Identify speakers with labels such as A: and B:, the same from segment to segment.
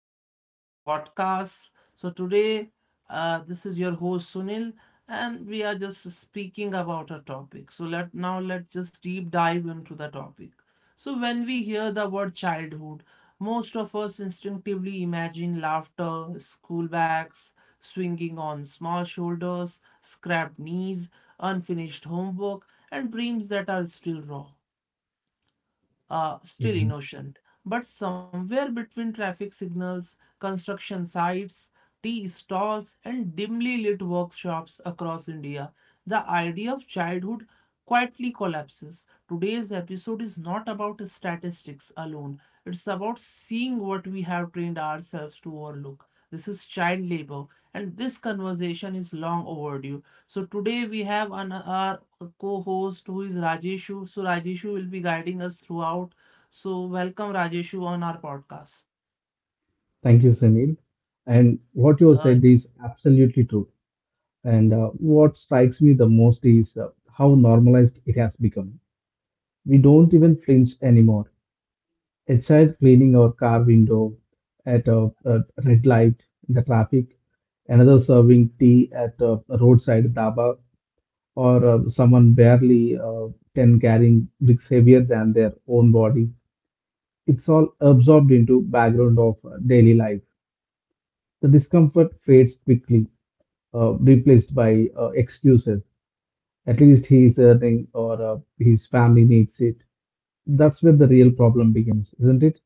A: welcome to this podcast. So, today this is your host Sunil, and we are just speaking about a topic. So, let's just deep dive into the topic. So, when we hear the word childhood, most of us instinctively imagine laughter, school bags, swinging on small shoulders, scrapped knees, unfinished homework, and dreams that are still raw still
B: Yeah.
A: innocent. But somewhere between traffic signals, construction sites, tea stalls, and dimly lit workshops across India, the idea of childhood quietly collapses. Today's episode is not about statistics alone, it's about seeing what we have trained ourselves to overlook. This is child labor, and this conversation is long overdue. So, today we have an, our a co-host who is Rajeshu. So Rajeshu will be guiding us throughout. So welcome Rajeshu on our podcast.
B: Thank you, Sunil. And what you
A: Uh,
B: said is absolutely true. And what strikes me the most is how normalized it has become. We don't even flinch anymore. A child cleaning our car window at a red light in the traffic, another serving tea at a roadside dhaba, or someone barely 10 carrying bricks heavier than their own body. It's all absorbed into background of daily life. The discomfort fades quickly, replaced by excuses. At least he's earning or his family needs it. That's where the real problem begins, isn't it?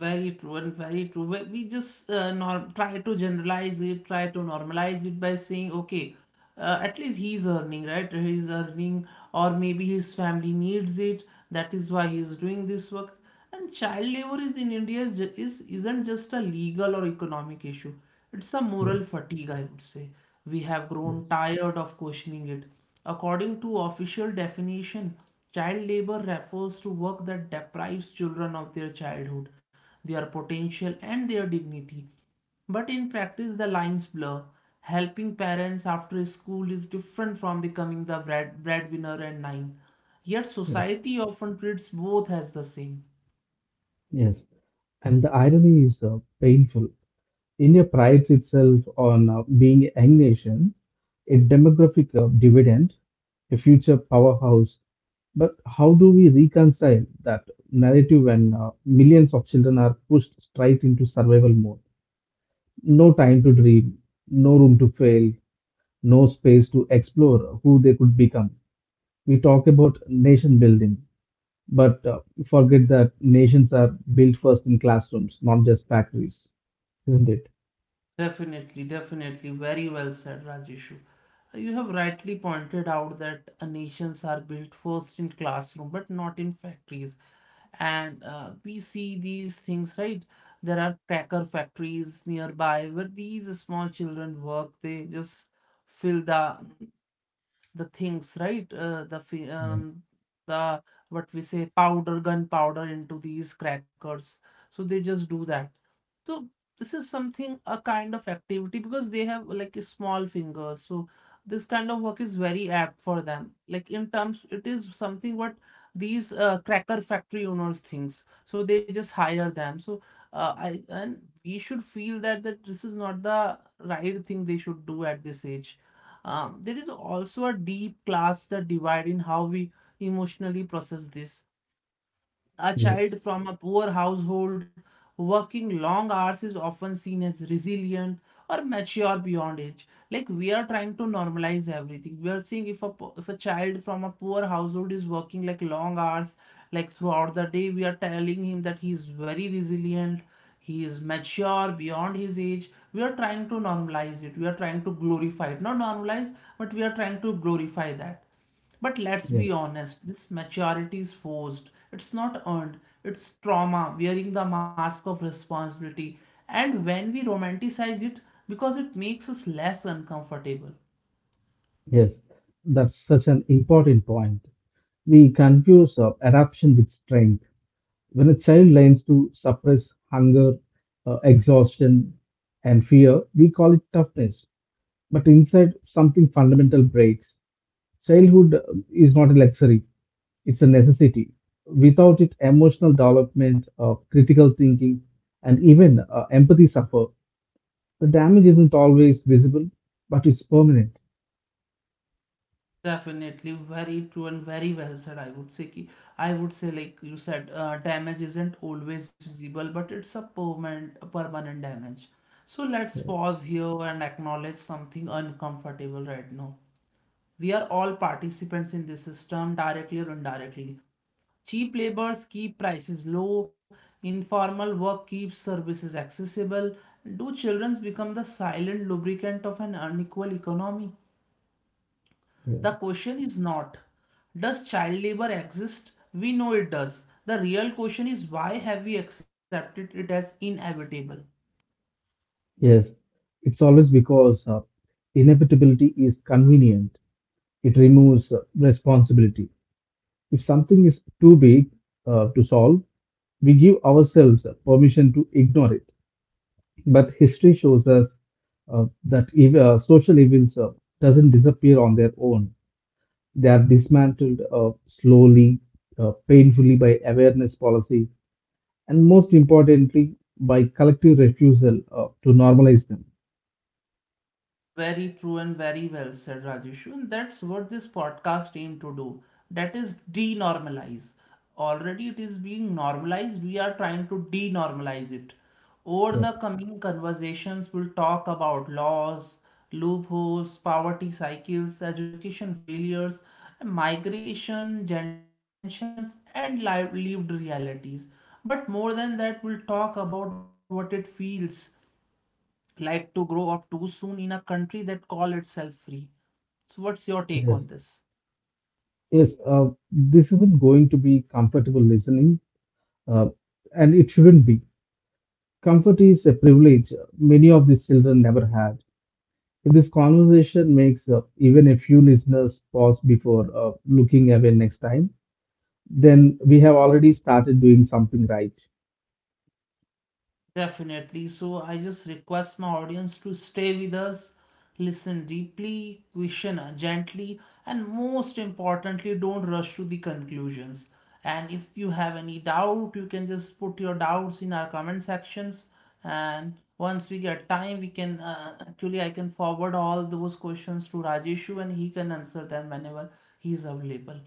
A: Very true and very true. We just norm try to generalize it, try to normalize it by saying, okay, at least he's earning, right? He's earning, or maybe his family needs it. That is why he's doing this work. And child labor is in India is, ju- is isn't just a legal or economic issue. It's a
B: Yeah,
A: moral fatigue, I would say. We have
B: yes,
A: grown tired of questioning it. According to official definition, child labor refers to work that deprives children of their childhood, their potential, and their dignity. But in practice, the lines blur. Helping parents after school is different from becoming the breadwinner and nine. Yet
B: yes,
A: society often treats both as the same.
B: yes. And the irony is painful. India prides itself on being a young nation, a demographic dividend, a future powerhouse. But how do we reconcile that narrative when millions of children are pushed straight into survival mode? No time to dream, no room to fail, no space to explore who they could become. We talk about nation building, but forget that nations are built first in classrooms, not just factories, isn't it?
A: Definitely, definitely. Very well said, Rajeshu. You have rightly pointed out that nations are built first in classroom but not in factories. And we see these things, right? There are cracker factories nearby where these small children work. They just fill the things, right?
B: Yeah.
A: The what we say powder, gunpowder into these crackers, so they just do that. So this is something, a kind of activity, because they have like a small fingers. So this kind of work is very apt for them. Like in terms, it is something what these cracker factory owners thinks. So they just hire them. So I and we should feel that this is not the right thing they should do at this age. There is also a deep class that divide in how we emotionally process this, a
B: Yes,
A: child from a poor household working long hours is often seen as resilient or mature beyond age. Like we are trying to normalize everything. We are saying if a child from a poor household is working like long hours, like throughout the day, we are telling him that he is very resilient. He is mature beyond his age. We are trying to normalize it. We are trying to glorify it. Not normalize, but we are trying to glorify that. But let's be
B: yes,
A: honest, this maturity is forced. It's not earned. It's trauma, wearing the mask of responsibility. And when we romanticize it, because it makes us less uncomfortable.
B: yes. That's such an important point. We confuse adaptation with strength. When a child learns to suppress hunger, exhaustion, and fear, we call it toughness. But inside, something fundamental breaks. Childhood is not a luxury, it's a necessity. Without it, emotional development, critical thinking, and even empathy suffer. The damage isn't always visible, but it's permanent.
A: Definitely, very true and very well said. I would say, ki, I would say, like you said, damage isn't always visible, but it's a permanent damage. So let's pause here and acknowledge something uncomfortable right now. We are all participants in this system, directly or indirectly. Cheap labors keep prices low, informal work keeps services accessible. Do children become the silent lubricant of an unequal economy?
B: Yeah.
A: The question is not, does child labor exist? We know it does. The real question is, why have we accepted it as inevitable?
B: Yes, it's always because inevitability is convenient. It removes responsibility. If something is too big to solve, we give ourselves permission to ignore it. But history shows us that social evils doesn't disappear on their own. They are dismantled slowly, painfully by awareness policy, and most importantly, by collective refusal to normalize them.
A: Very true and very well said, Rajeshu. And that's what this podcast aimed to do. That is denormalize. Already it is being normalized. We are trying to denormalize it. Over
B: Yep.
A: the coming conversations, we'll talk about laws, loopholes, poverty cycles, education failures, migration, gender dimensions, and lived realities. But more than that, we'll talk about what it feels like to grow up too soon in a country that call itself free. So what's your take on
B: Yes.
A: this?
B: Yes. This isn't going to be comfortable listening, uh, and it shouldn't be. Comfort is a privilege many of these children never had. If this conversation makes even a few listeners pause before looking away next time, then we have already started doing something right.
A: Definitely. So I just request my audience to stay with us, listen deeply, question gently, and most importantly, don't rush to the conclusions. And if you have any doubt, you can just put your doubts in our comment sections. And once we get time, we can actually I can forward all those questions to Rajeshu and he can answer them whenever he is available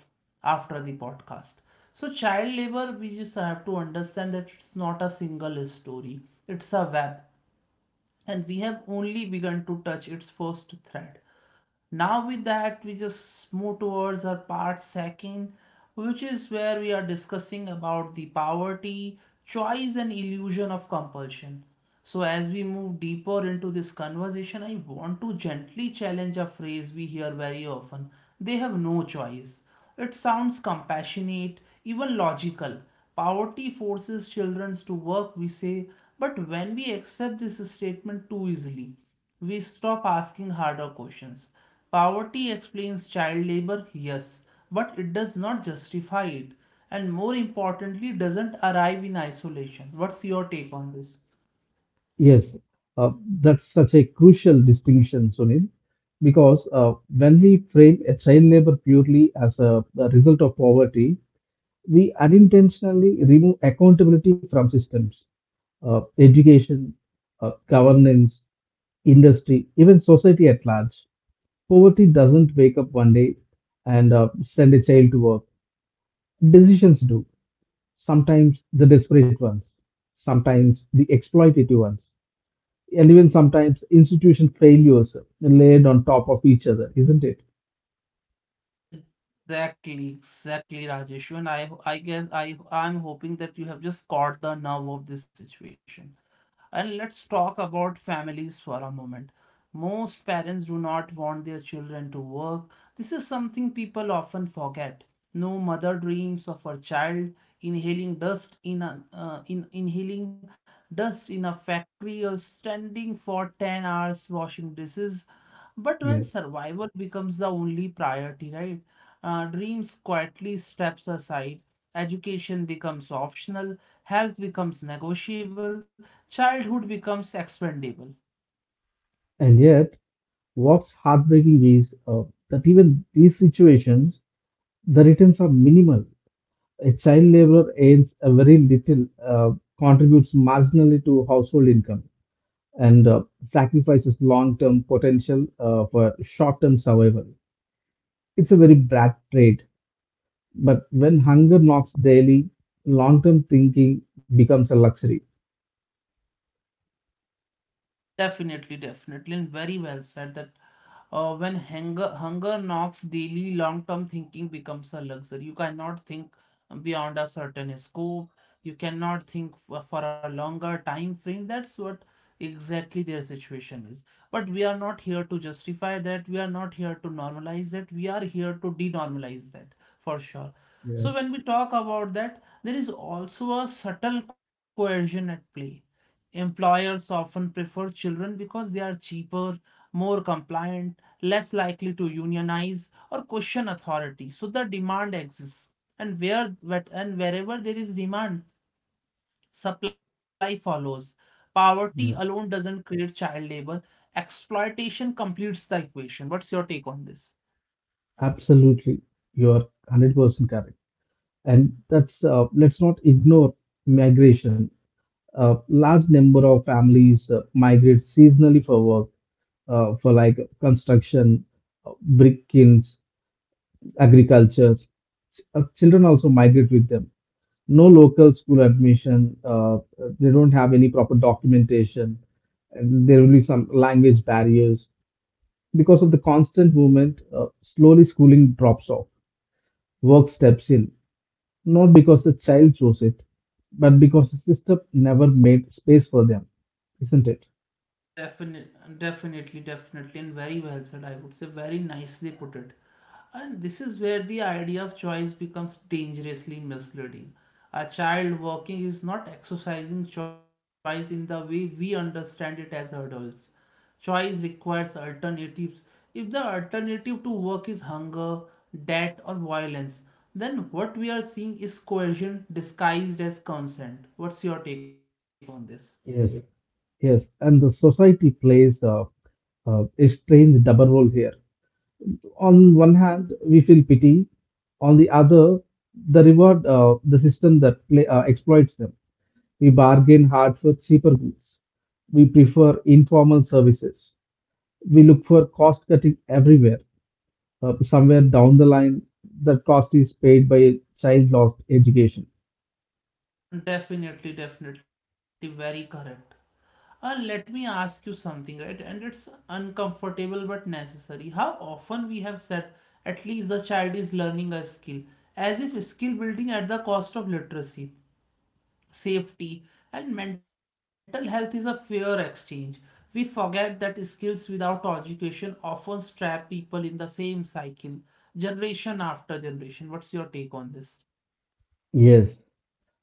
A: after the podcast. So, child labor, we just have to understand that it's not a single story, it's a web and we have only begun to touch its first thread. Now, with that, we just move towards our part second, which is where we are discussing about the poverty, choice, and illusion of compulsion. So, as we move deeper into this conversation, I want to gently challenge a phrase we hear very often: they have no choice. It sounds compassionate, even logical. Poverty forces children to work, we say, but when we accept this statement too easily, we stop asking harder questions. Poverty explains child labor, yes, but it does not justify it, and more importantly, doesn't arrive in isolation. What's your take on this?
B: Yes, uh, that's such a crucial distinction, Sunil, because when we frame a child labor purely as a result of poverty, we unintentionally remove accountability from systems, education, governance, industry, even society at large. Poverty doesn't wake up one day and send a child to work. Decisions do. Sometimes the desperate ones, sometimes the exploitative ones, and even sometimes institution failures layered on top of each other, isn't it?
A: Exactly, exactly, Rajeshu, and I guess I'm hoping that you have just caught the nerve of this situation. And let's talk about families for a moment. Most parents do not want their children to work. This is something people often forget. No mother dreams of her child inhaling dust in a, in inhaling dust in a factory, or standing for 10 hours washing dishes. But when
B: Yeah.
A: survival becomes the only priority, right? Dreams quietly steps aside. Education becomes optional. Health becomes negotiable. Childhood becomes expendable.
B: And yet, what's heartbreaking is that even these situations the returns are minimal. A child laborer earns a very little, contributes marginally to household income, and sacrifices long term potential for short term survival. It's a very bad trade. But when hunger knocks daily, long term thinking becomes a luxury.
A: Definitely, definitely, and very well said that when hunger knocks daily, long-term thinking becomes a luxury. You cannot think beyond a certain scope, you cannot think for a longer time frame. That's what exactly their situation is. But we are not here to justify that, we are not here to normalize that, we are here to denormalize that for sure.
B: Yeah,
A: So when we talk about that, there is also a subtle coercion at play. Employers often prefer children because they are cheaper, more compliant, less likely to unionize or question authority. So the demand exists. And where whet- and wherever there is demand, supply follows. Poverty
B: yeah.
A: alone doesn't create child labor. Exploitation completes the equation. What's your take on this?
B: Absolutely, you're 100% correct. And let's not ignore migration. A large number of families migrate seasonally for work, for like construction, brick kilns, agriculture. Children also migrate with them. No local school admission. They don't have any proper documentation. And there will be some language barriers because of the constant movement. Slowly, schooling drops off. Work steps in, not because the child chose it, but because the system never made space for them, isn't it?
A: Definitely, definitely, definitely, and very well said. I would say very nicely put it. And this is where the idea of choice becomes dangerously misleading. A child walking is not exercising choice in the way we understand it as adults. Choice requires alternatives. If the alternative to work is hunger, debt, or violence, then what we are seeing is coercion disguised as consent. What's your take on this?
B: Yes, yes, and the society plays a strange double role here. On one hand, we feel pity; on the other, the reward, the system that play, exploits them. We bargain hard for cheaper goods. We prefer informal services. We look for cost cutting everywhere. Somewhere down the line, that cost is paid by a child lost education.
A: Definitely, definitely, very correct. Let me ask you something, right? And it's uncomfortable but necessary. How often we have said, at least the child is learning a skill, as if skill building at the cost of literacy, safety, and mental health is a fair exchange. We forget that skills without education often trap people in the same cycle, generation after generation. What's your take on this?
B: Yes,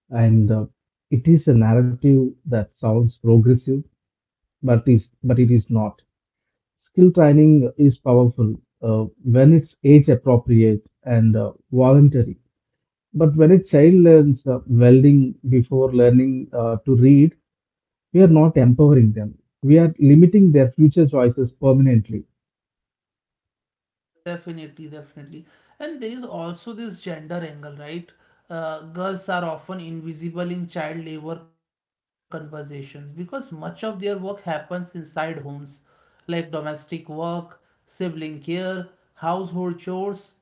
B: and it is a narrative that sounds progressive but it is not. Skill training is powerful when it's age appropriate and voluntary. But when a child learns welding before learning to read, we are not empowering them. We are limiting their future choices permanently.
A: Definitely, definitely. And there is also this gender angle, right? Girls are often invisible in child labor conversations because much of their work happens inside homes, like domestic work, sibling care, household chores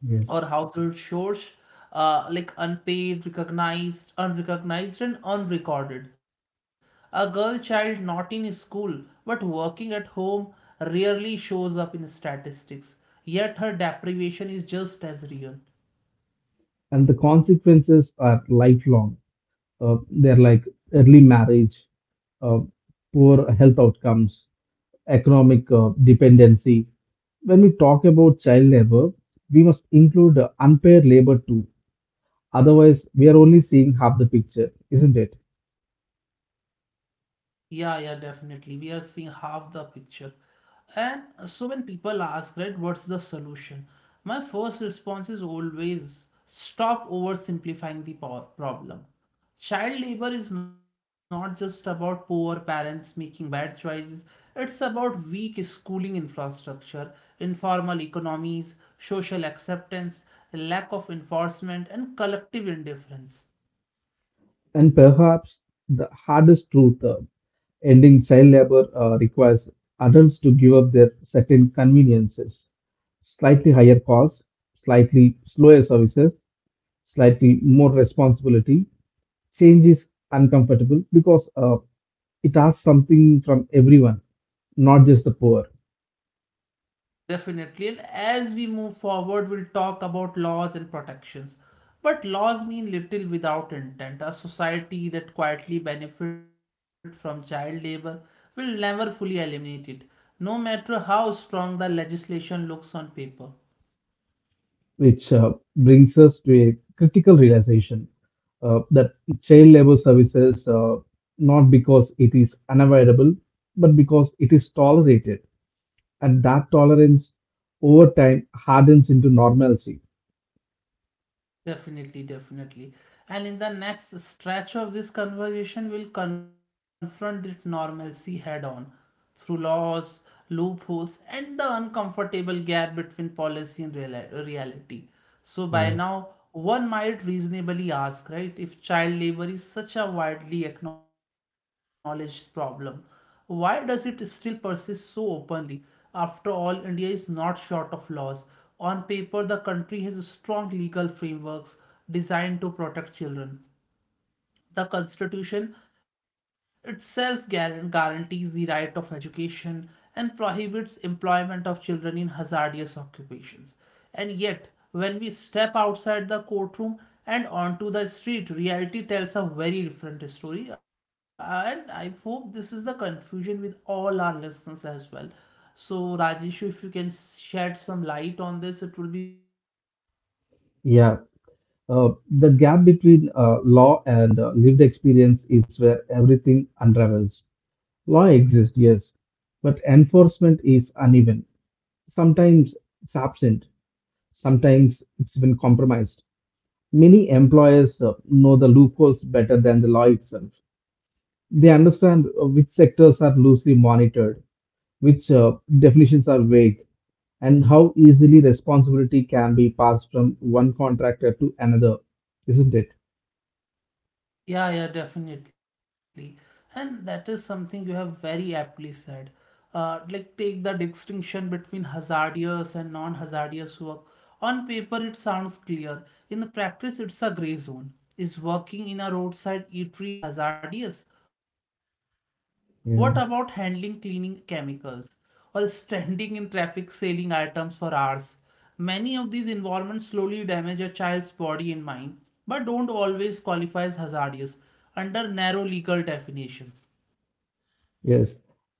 B: Yes.
A: household chores, like unpaid, recognized, unrecognized, and unrecorded. A girl child not in school but working at home rarely shows up in statistics, yet her deprivation is just as real.
B: And the consequences are lifelong. They're like early marriage, uh, poor health outcomes, economic dependency. When we talk about child labor, we must include unpaid labor too. Otherwise, we are only seeing half the picture, isn't it?
A: Yeah, yeah, definitely. We are seeing half the picture. And so when people ask, right, what's the solution? My first response is always stop oversimplifying the problem. Child labor is not just about poor parents making bad choices, it's about weak schooling infrastructure, informal economies, social acceptance, lack of enforcement, and collective indifference.
B: And perhaps the hardest truth, ending child labor requires adults to give up their certain conveniences, slightly higher costs, slightly slower services, slightly more responsibility. Change is uncomfortable because it asks something from everyone, not just the poor,
A: Definitely. And as we move forward, we'll talk about laws and protections. But laws mean little without intent. A society that quietly benefits from child labor will never fully eliminate it, no matter how strong the legislation looks on paper.
B: which brings us to a critical realization that child labor services, not because it is unavoidable, but because it is tolerated, and that tolerance over time hardens into normalcy.
A: Definitely, definitely. And in the next stretch of this conversation, we'll confront this normalcy head on through laws, loopholes, and the uncomfortable gap between policy and reality. So, by
B: Yeah.
A: now, one might reasonably ask, right, if child labor is such a widely acknowledged problem, why does it still persist so openly? After all, India is not short of laws. On paper, the country has strong legal frameworks designed to protect children. The Constitution itself guarantees the right of education and prohibits employment of children in hazardous occupations. And yet, when we step outside the courtroom and onto the street, reality tells a very different story. And I hope this is the confusion with all our listeners as well. So, Rajesh, if you can shed some light on this, it will be very helpful for all of us.
B: Yeah. Uh, the gap between law and lived experience is where everything unravels. Law exists, yes, but enforcement is uneven. Sometimes it's absent, sometimes it's even compromised. Many employers know the loopholes better than the law itself. They understand which sectors are loosely monitored, which definitions are vague, and how easily responsibility can be passed from one contractor to another, isn't it?
A: Yeah, yeah, definitely. And that is something you have very aptly said. Like, take the distinction between hazardous and non hazardous work. On paper, it sounds clear. In practice, it's a gray zone. Is working in a roadside eatery hazardous? What about handling cleaning
B: Yeah.
A: chemicals? Or standing in traffic selling items for hours? Many of these environments slowly damage a child's body and mind, but don't always qualify as hazardous under narrow legal definition.
B: Yes.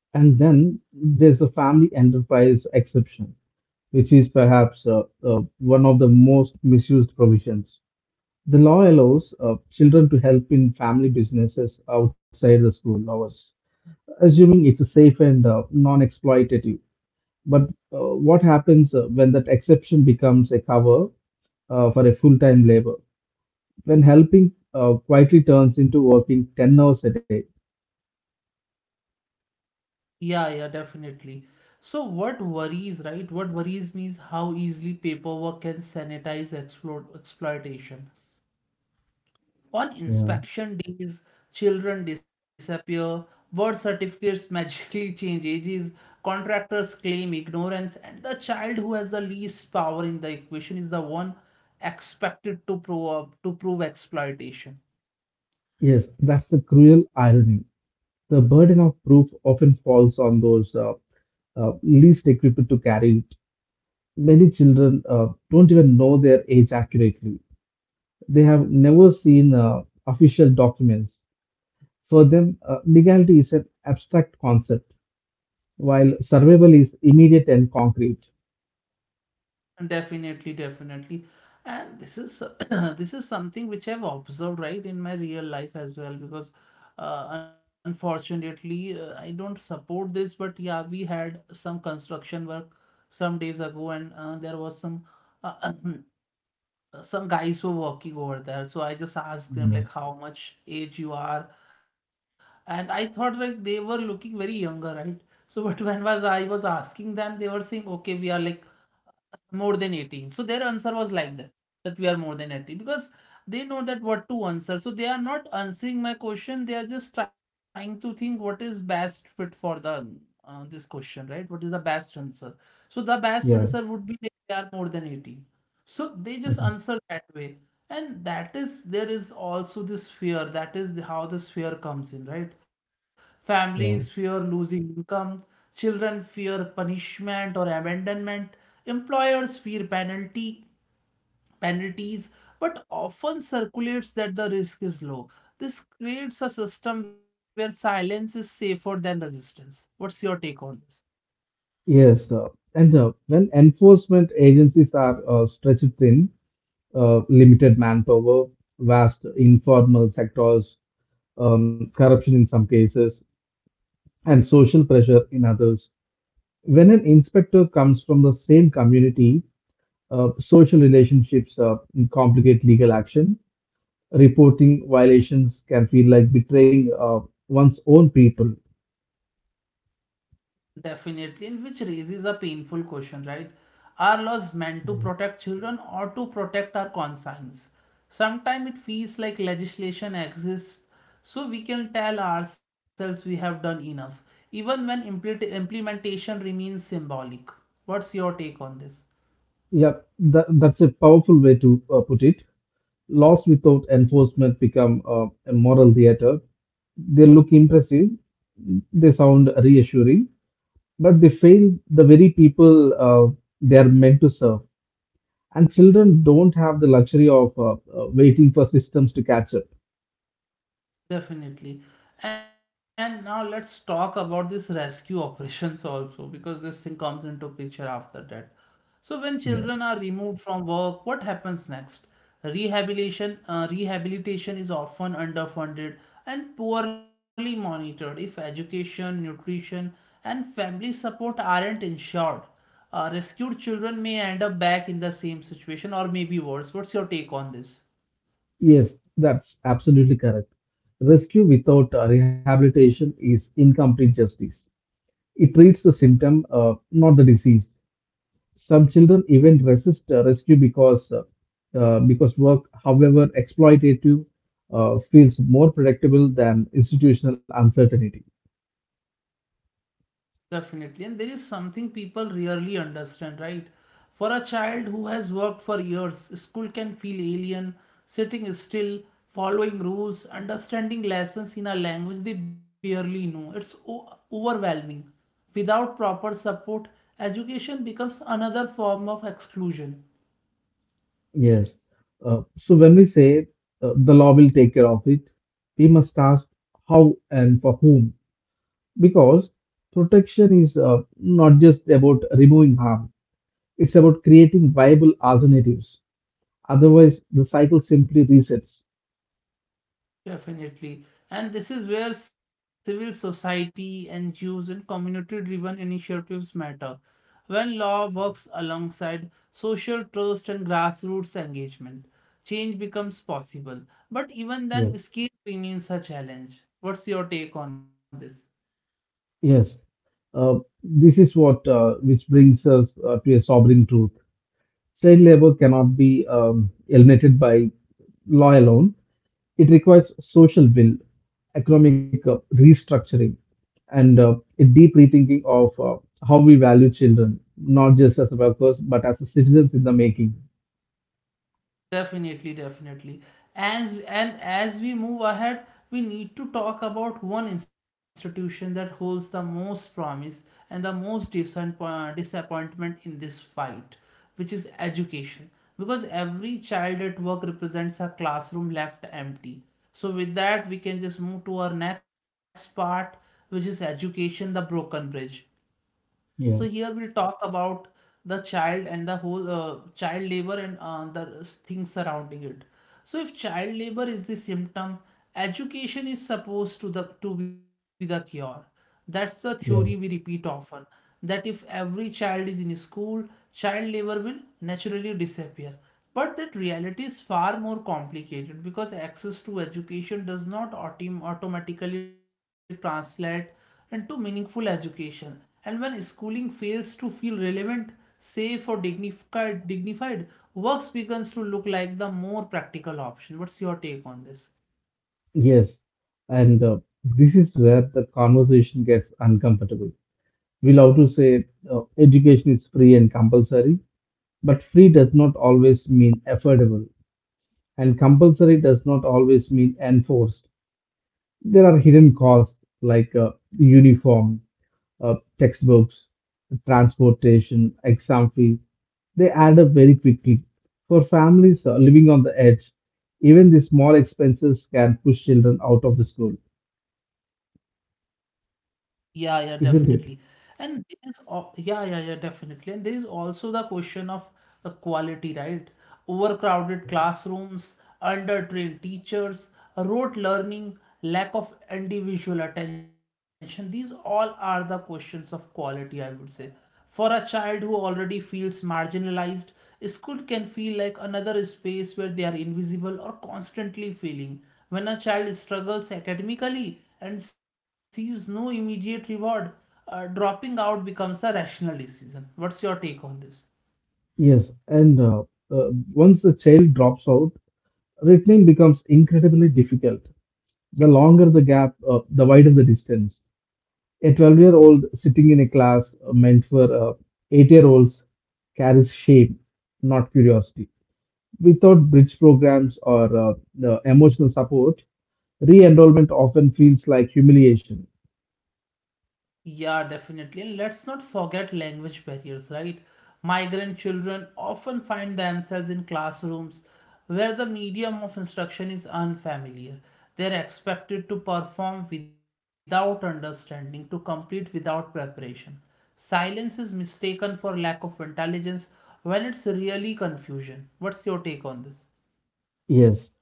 B: And then there's a family enterprise exception, which is perhaps one of the most misused provisions. The law allows children to help in family businesses outside the school hours, assuming it's a safe and non exploitative. But what happens when that exception becomes a cover for a full time labor? When helping quietly turns into working 10 hours a day.
A: Yeah, yeah, definitely. So what worries, right? What worries me is how easily paperwork can sanitize exploitation. On
B: Yeah.
A: inspection days, children disappear, birth certificates magically change ages, contractors claim ignorance, and the child who has the least power in the equation is the one expected to prove exploitation.
B: Yes, that's the cruel irony. The burden of proof often falls on those least equipped to carry it. Many children don't even know their age accurately. They have never seen official documents. For them, legality is an abstract concept, while survival is immediate and concrete.
A: Definitely, definitely. And this is this is something which I've observed right in my real life as well, because unfortunately, I don't support this, but yeah, we had some construction work some days ago and there was some uh, some guys were working over there, so I just asked them,
B: Yeah.
A: like, how much age you are, and I thought like they were looking very younger, right? So but when was I was asking them, they were saying, okay, we are like more than 18. So their answer was like that, that we are more than 80, because they know that what to answer. So they are not answering my question, they are just trying to think what is best fit for the this question, right? What is the best answer? So the best answer
B: Yeah.
A: would be that they are more than 80. So they just
B: Mhm.
A: answer that way. And that is, there is also this fear. How this fear comes in, right?
B: Yeah.
A: Families fear losing income, children fear punishment or abandonment, employers fear penalty penalties, but often circulates that the risk is low. This creates a system where silence is safer than resistance. What's your take on this?
B: Yes. And when enforcement agencies are stretched thin, limited manpower, vast informal sectors, corruption in some cases, and social pressure in others. When an inspector comes from the same community, social relationships complicate legal action. Reporting violations can feel like betraying one's own people.
A: Definitely, and which raises a painful question, right? Are laws meant to protect children or to protect our conscience? Sometimes it feels like legislation exists so we can tell ourselves we have done enough, even when implementation remains symbolic. What's your take on this?
B: Yeah, that's a powerful way to put it. Laws without enforcement become a moral theater. They look impressive, they sound reassuring, but they fail the very people they are meant to serve. And children don't have the luxury of waiting for systems to catch up.
A: Definitely. And now let's talk about this rescue operations also, because this thing comes into picture after that. So when
B: Yeah.
A: children are removed from work, what happens next? Rehabilitation is often underfunded and poorly monitored. If education, nutrition, and family support aren't ensured, rescued children may end up back in the same situation or maybe worse. What's your take on this?
B: Yes, that's absolutely correct. Rescue without rehabilitation is incomplete justice. It treats the symptom, not the disease. Some children even resist rescue because work, however exploitative, feels more predictable than institutional uncertainty.
A: Definitely. And there is something people rarely understand, right? For a child who has worked for years, school can feel alien. Sitting still, following rules, understanding lessons in a language they barely know. It's overwhelming. Without proper support, education becomes another form of exclusion.
B: Yes. So when we say the law will take care of it, we must ask how and for whom, because protection is not just about removing harm, it's about creating viable alternatives. Otherwise, the cycle simply resets.
A: Definitely. And this is where civil society, NGOs, and community driven initiatives matter. When law works alongside social trust and grassroots engagement, change becomes possible. But even then,
B: Yes.
A: scale remains a challenge. What's your take on this?
B: Yes. Uh, this is what Which brings us to a sobering truth. Child labor cannot be eliminated by law alone. It requires social will, economic restructuring, and a deep rethinking of how we value children, not just as workers, but as citizens in the making.
A: Definitely, definitely. As we move ahead, we need to talk about one institution that holds the most promise and the most disappointment in this fight, which is education. Because every child at work represents a classroom left empty. So with that, we can just move to our next part, which is education, the broken bridge. So
B: Yeah,
A: here we'll talk about the child and the whole child labor and the things surrounding it. So if child labor is the symptom, education is supposed to be the cure. That's the theory we
B: yeah.
A: repeat often. That if every child is in school, child labor will naturally disappear. But that reality is far more complicated because access to education does not automatically translate and to meaningful education. And when schooling fails to feel relevant, safe, or dignified, works begins to look like the more practical option. What's your take on this?
B: Yes, and this is where the conversation gets uncomfortable. We love to say education is free and compulsory, but free does not always mean affordable, and compulsory does not always mean enforced. There are hidden costs like uniform textbooks, transportation, exam fee, they add up very quickly. For families living on the edge, even the small expenses can push children out of the school,
A: Yeah, yeah, definitely.
B: isn't it?
A: And yeah, yeah, yeah, definitely. And there is also the question of quality, right? Overcrowded classrooms, undertrained teachers, rote learning, lack of individual attention. These all are the questions of quality, I would say. For a child who already feels marginalized, school can feel like another space where they are invisible or constantly failing. When a child struggles academically and sees no immediate reward, dropping out becomes a rational decision. What's your take on this?
B: Yes, and once the child drops out, returning becomes incredibly difficult. The longer the gap, the wider the distance. A 12-year-old sitting in a class meant for 8-year-olds carries shame, not curiosity. Without bridge programs or the emotional support, re enrollment often feels like humiliation.
A: Yeah, definitely. And let's not forget language barriers, right? Migrant children often find themselves in classrooms where the medium of instruction is unfamiliar. They're expected to perform without understanding, to complete without preparation. Silence is mistaken for lack of intelligence when it's really confusion. What's your take on this?
B: Yes,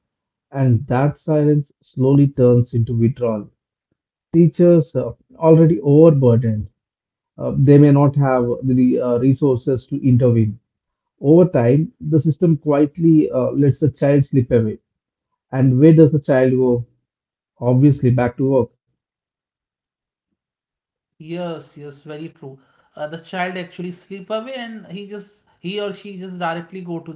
B: and that silence slowly turns into withdrawal. Teachers are already overburdened. They may not have the resources to intervene. Over time, the system quietly lets the child slip away. And where does the child go? Obviously, back to work.
A: Yes, yes, very true. The child actually slip away, and he or she just directly go to the work.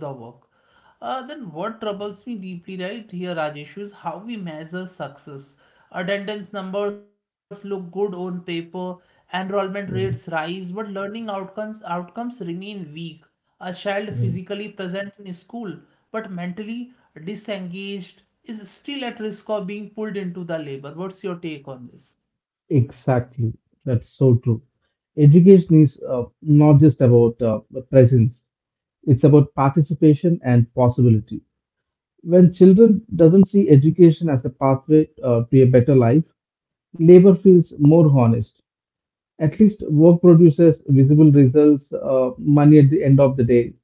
A: Then what troubles me deeply right here, Rajesh, is how we measure success. Attendance numbers look good on paper, enrollment rates
B: Yeah,
A: rise, but learning outcomes remain weak. A child physically
B: yeah.
A: present in school, but mentally disengaged, is still at risk of being pulled into the labor. What's your take on this?
B: Exactly. That's so true. Education is not just about presence, it's about participation and possibility. When children doesn't see education as a pathway to a better life, labor feels more honest. At least work produces visible results, money at the end of the day,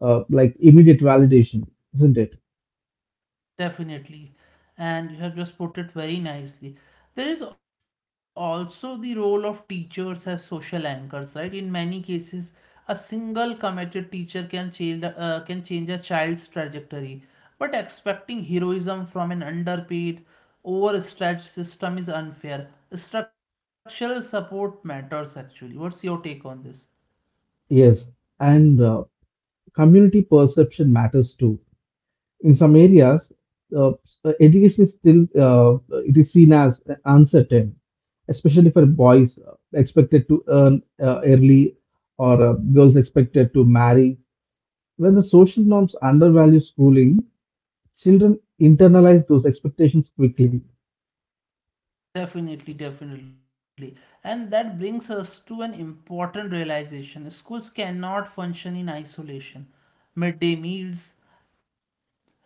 B: like immediate validation, isn't it?
A: Definitely. And you have just put it very nicely. There is also the role of teachers as social anchors, right? In many cases, a single committed teacher can change a child's trajectory. But expecting heroism from an underpaid, overstretched system is unfair. Structural support matters actually. What's your take on this?
B: Yes. And community perception matters too. In some areas, uh, education is still it is seen as uncertain, especially for boys expected to earn early or girls expected to marry. When the social norms undervalue schooling, children internalize those expectations quickly.
A: Definitely, definitely. And that brings us to an important realization. Schools cannot function in isolation. Midday meals,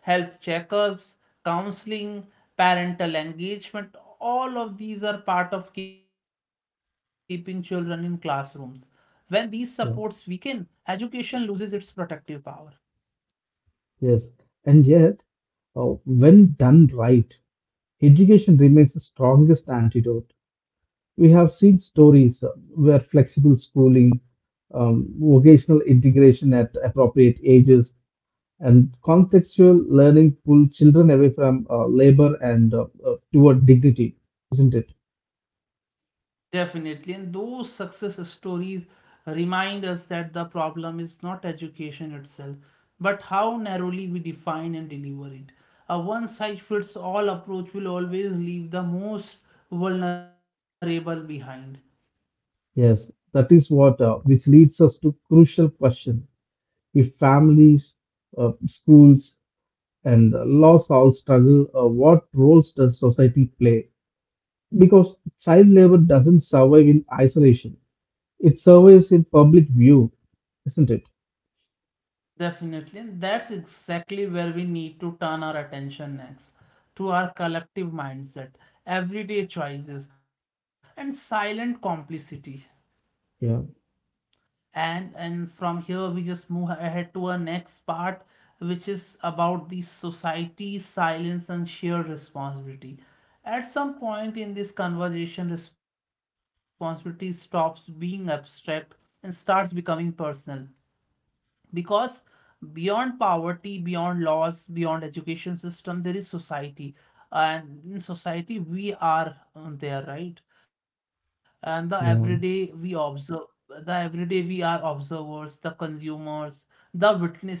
A: health checkups, counseling, parental engagement, all of these are part of keeping children in classrooms. When these supports weaken,
B: Yeah.
A: education loses its protective power.
B: Yes, and yet, when done right, education remains the strongest antidote. We have seen stories where flexible schooling, vocational integration at appropriate ages, and contextual learning pull children away from labor and toward dignity, isn't it?
A: Definitely. And those success stories remind us that the problem is not education itself, but how narrowly we define and deliver it. A one size fits all approach will always leave the most vulnerable behind.
B: Yes, that is what which leads us to crucial question: if families, schools, and laws all struggle, what roles does society play? Because child labor doesn't survive in isolation. It's always in public view, isn't it?
A: Definitely. And that's exactly where we need to turn our attention next, to our collective mindset, everyday choices, and silent complicity.
B: Yeah,
A: And from here we just move ahead to our next part, which is about the society silence and shared responsibility. At some point in this conversation, responsibility stops being abstract and starts becoming personal, because beyond poverty, beyond laws, beyond education system, there is society. And in society, we are there, right? And the everyday we
B: yeah,
A: observe, the everyday we are observers, the consumers, the witnesses.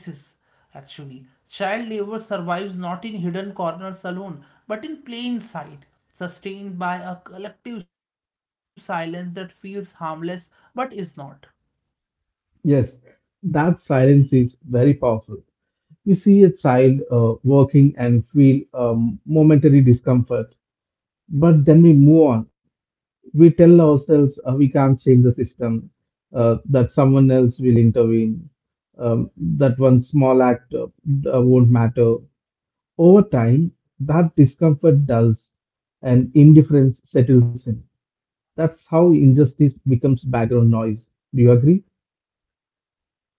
A: Actually, child labor survives not in hidden corners alone but in plain sight, sustained by a collective silence that feels harmless but is not.
B: yes. That silence is very powerful. We see a child working and feel momentary discomfort, but then we move on. We tell ourselves we can't change the system, that someone else will intervene, that one small act won't matter. Over time, that discomfort dulls and indifference settles in. That's how injustice becomes background noise. Do you agree?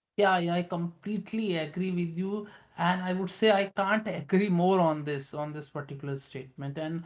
A: Yeah, yeah, I completely agree with you, and I would say I can't agree more on this particular statement. And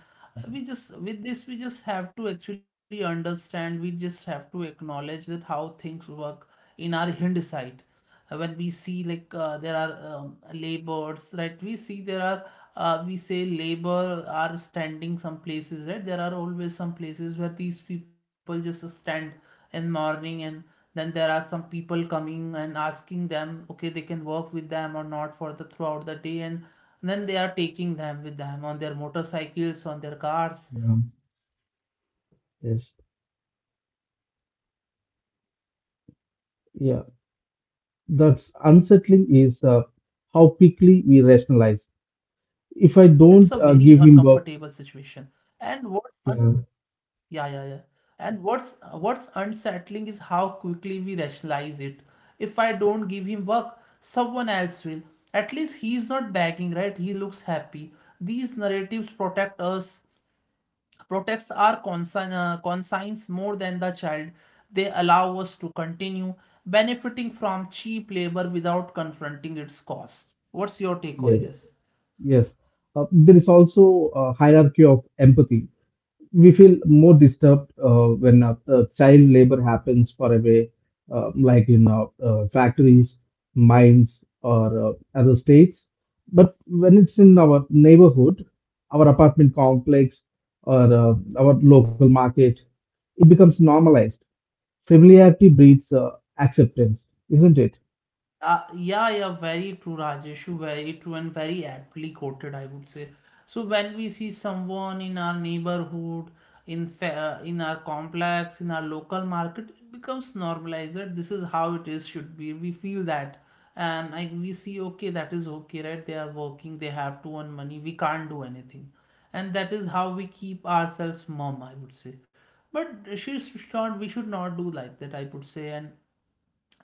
A: we just with this we just have to actually understand. We just have to acknowledge that how things work in our Hind side. When we see, like, there are labors, right? We see there are we say labor are standing some places, right? There are always some places where these people just stand in morning, and then there are some people coming and asking them, okay, they can work with them or not, for the throughout the day, and then they are taking them with them on their motorcycles, on their cars
B: Yeah.
A: for work, like they are hired
B: Yes.
A: as a daily wage worker. And in that we see lot of
B: Yeah,
A: these, I would say,
B: that's unsettling is
A: childrens,
B: uh,
A: right? So
B: how
A: that's a
B: quickly we
A: very
B: rationalize.
A: uncomfortable
B: If
A: situation.
B: I don't
A: And
B: give
A: what
B: him work,
A: un- yeah, yeah,
B: Yeah.
A: yeah. And what's unsettling is how quickly we rationalize it. If I don't give him work, someone else will. At least he's not begging, right? He looks happy. These narratives protect us, protects our conscience more than the child. They allow us to continue benefiting from cheap labor without confronting its cost. What's your take
B: Yeah.
A: on
B: Yeah.
A: this?
B: Yes, there is also a hierarchy of empathy. We feel more disturbed when child labor happens far away, like in factories, mines, or other states. But when it's in our neighborhood, our apartment complex, or our local market, it becomes normalized. Familiarity breeds acceptance, isn't it?
A: Yeah, yeah, very true, Rajeshu, very true and very aptly quoted, I would say. So when we see someone in our neighborhood, in our complex, in our local market, it becomes normalized that this is how it is should be. We feel that, and we see, okay, that is okay, right? They are working, they have to earn money. We can't do anything, and that is how we keep ourselves mum, I would say. But she should not. We should not do like that, I would say, and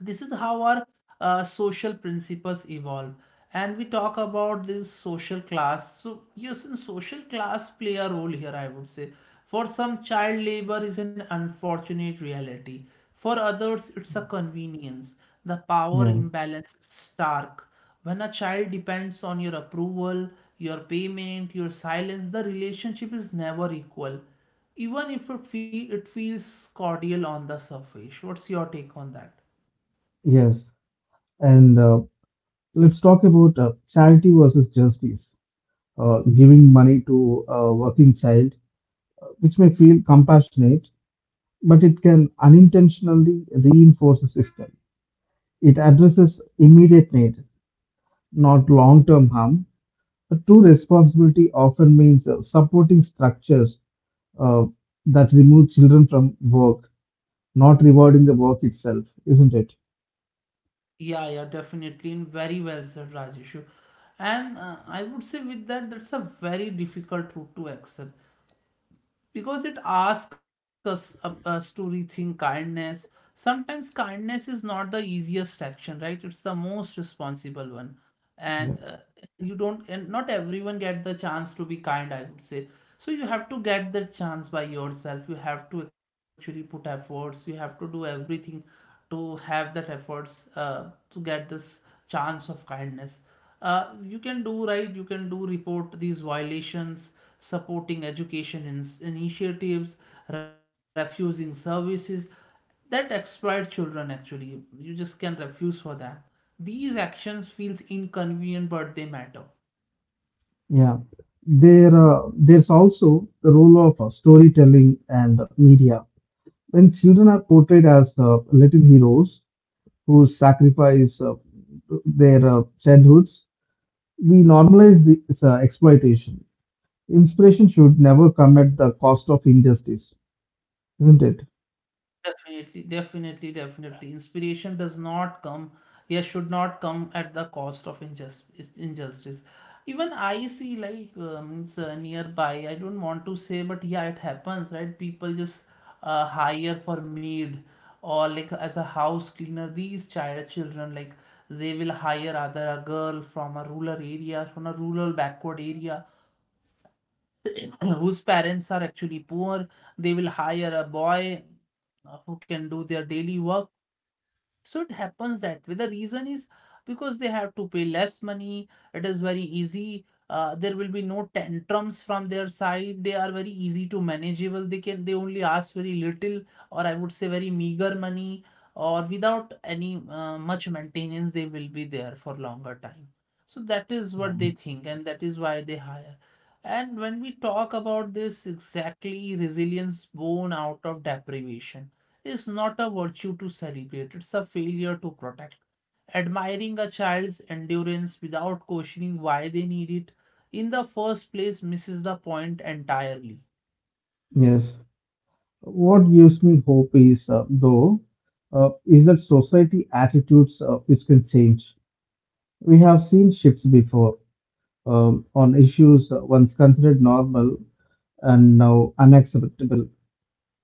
A: this is how our social principles evolve. And we talk about this social class, so yes, in social class play a role here, I would say. For some, child labor is an unfortunate reality. For others, it's a convenience. The power
B: Yeah,
A: imbalance is stark. When a child depends on your approval, your payment, your silence, the relationship is never equal, even if it feels cordial on the surface. What's your take on that?
B: yes. And let's talk about charity versus justice. Giving money to a working child which may feel compassionate, but it can unintentionally reinforce the system. It addresses immediate need, not long term harm. A true responsibility often means supporting structures uh, that remove children from work, not rewarding the work itself, isn't it?
A: Yeah, yeah, definitely, and very well said, Rajeshu. And I would say with that, that's a very difficult route to accept because it asks us to rethink kindness. Sometimes kindness is not the easiest action, right? It's the most responsible one. and
B: Yeah.
A: uh, you don't and not everyone get the chance to be kind, I would say. So you have to get that chance by yourself, you have to actually put efforts, you have to do everything to have that efforts, to get this chance of kindness. You can do right, you can do report these violations, supporting education initiatives, refusing services that exploit children actually. You just can refuse for them. These actions feels inconvenient, but they matter.
B: Yeah. There's also the role of storytelling and media. When children are portrayed as little heroes, who sacrifice their childhoods. We normalize this exploitation. Inspiration should never come at the cost of injustice, isn't it?
A: Definitely, definitely, definitely. Inspiration does not come, yeah, should not come at the cost of injustice. Injustice. Even I see like it's, nearby. I don't want to say, but yeah, it happens, right? People just hire for maid or like as a house cleaner. These children like they will hire either a girl from a rural area, from a rural backward area, whose parents are actually poor. They will hire a boy who can do their daily work, so it happens that way. The reason is because they have to pay less money. It is very easy. There will be no tantrums from their side. They are very easy to manageable. They only ask very little, or I would say very meager money, or without any much maintenance, they will be there for longer time. So that is
B: Yeah.
A: what they think, and that is why they hire. And when we talk about this exactly, resilience born out of deprivation is not a virtue to celebrate, it's a failure to protect. Admiring a child's endurance without questioning why they need it in the first place misses the point entirely.
B: Yes. What gives me hope is, though, is that society attitudes which can change. We have seen shifts before on issues once considered normal and now unacceptable.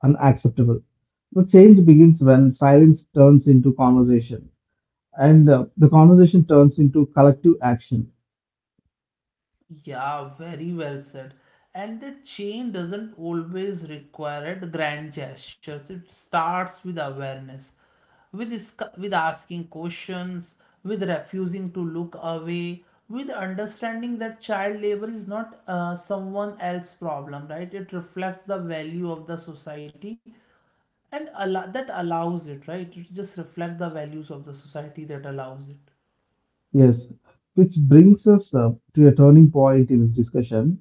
B: Unacceptable. The change begins when silence turns into conversation. And the conversation turns into collective action.
A: Yeah, very well said. And the change doesn't always require it grand gestures. It starts with awareness, with with asking questions, with refusing to look away, with understanding that child labor is not someone else's problem, right? It reflects the value of the society and that allows it, right? It just reflects the values of the society that allows it.
B: Yes, which brings us to a turning point in this discussion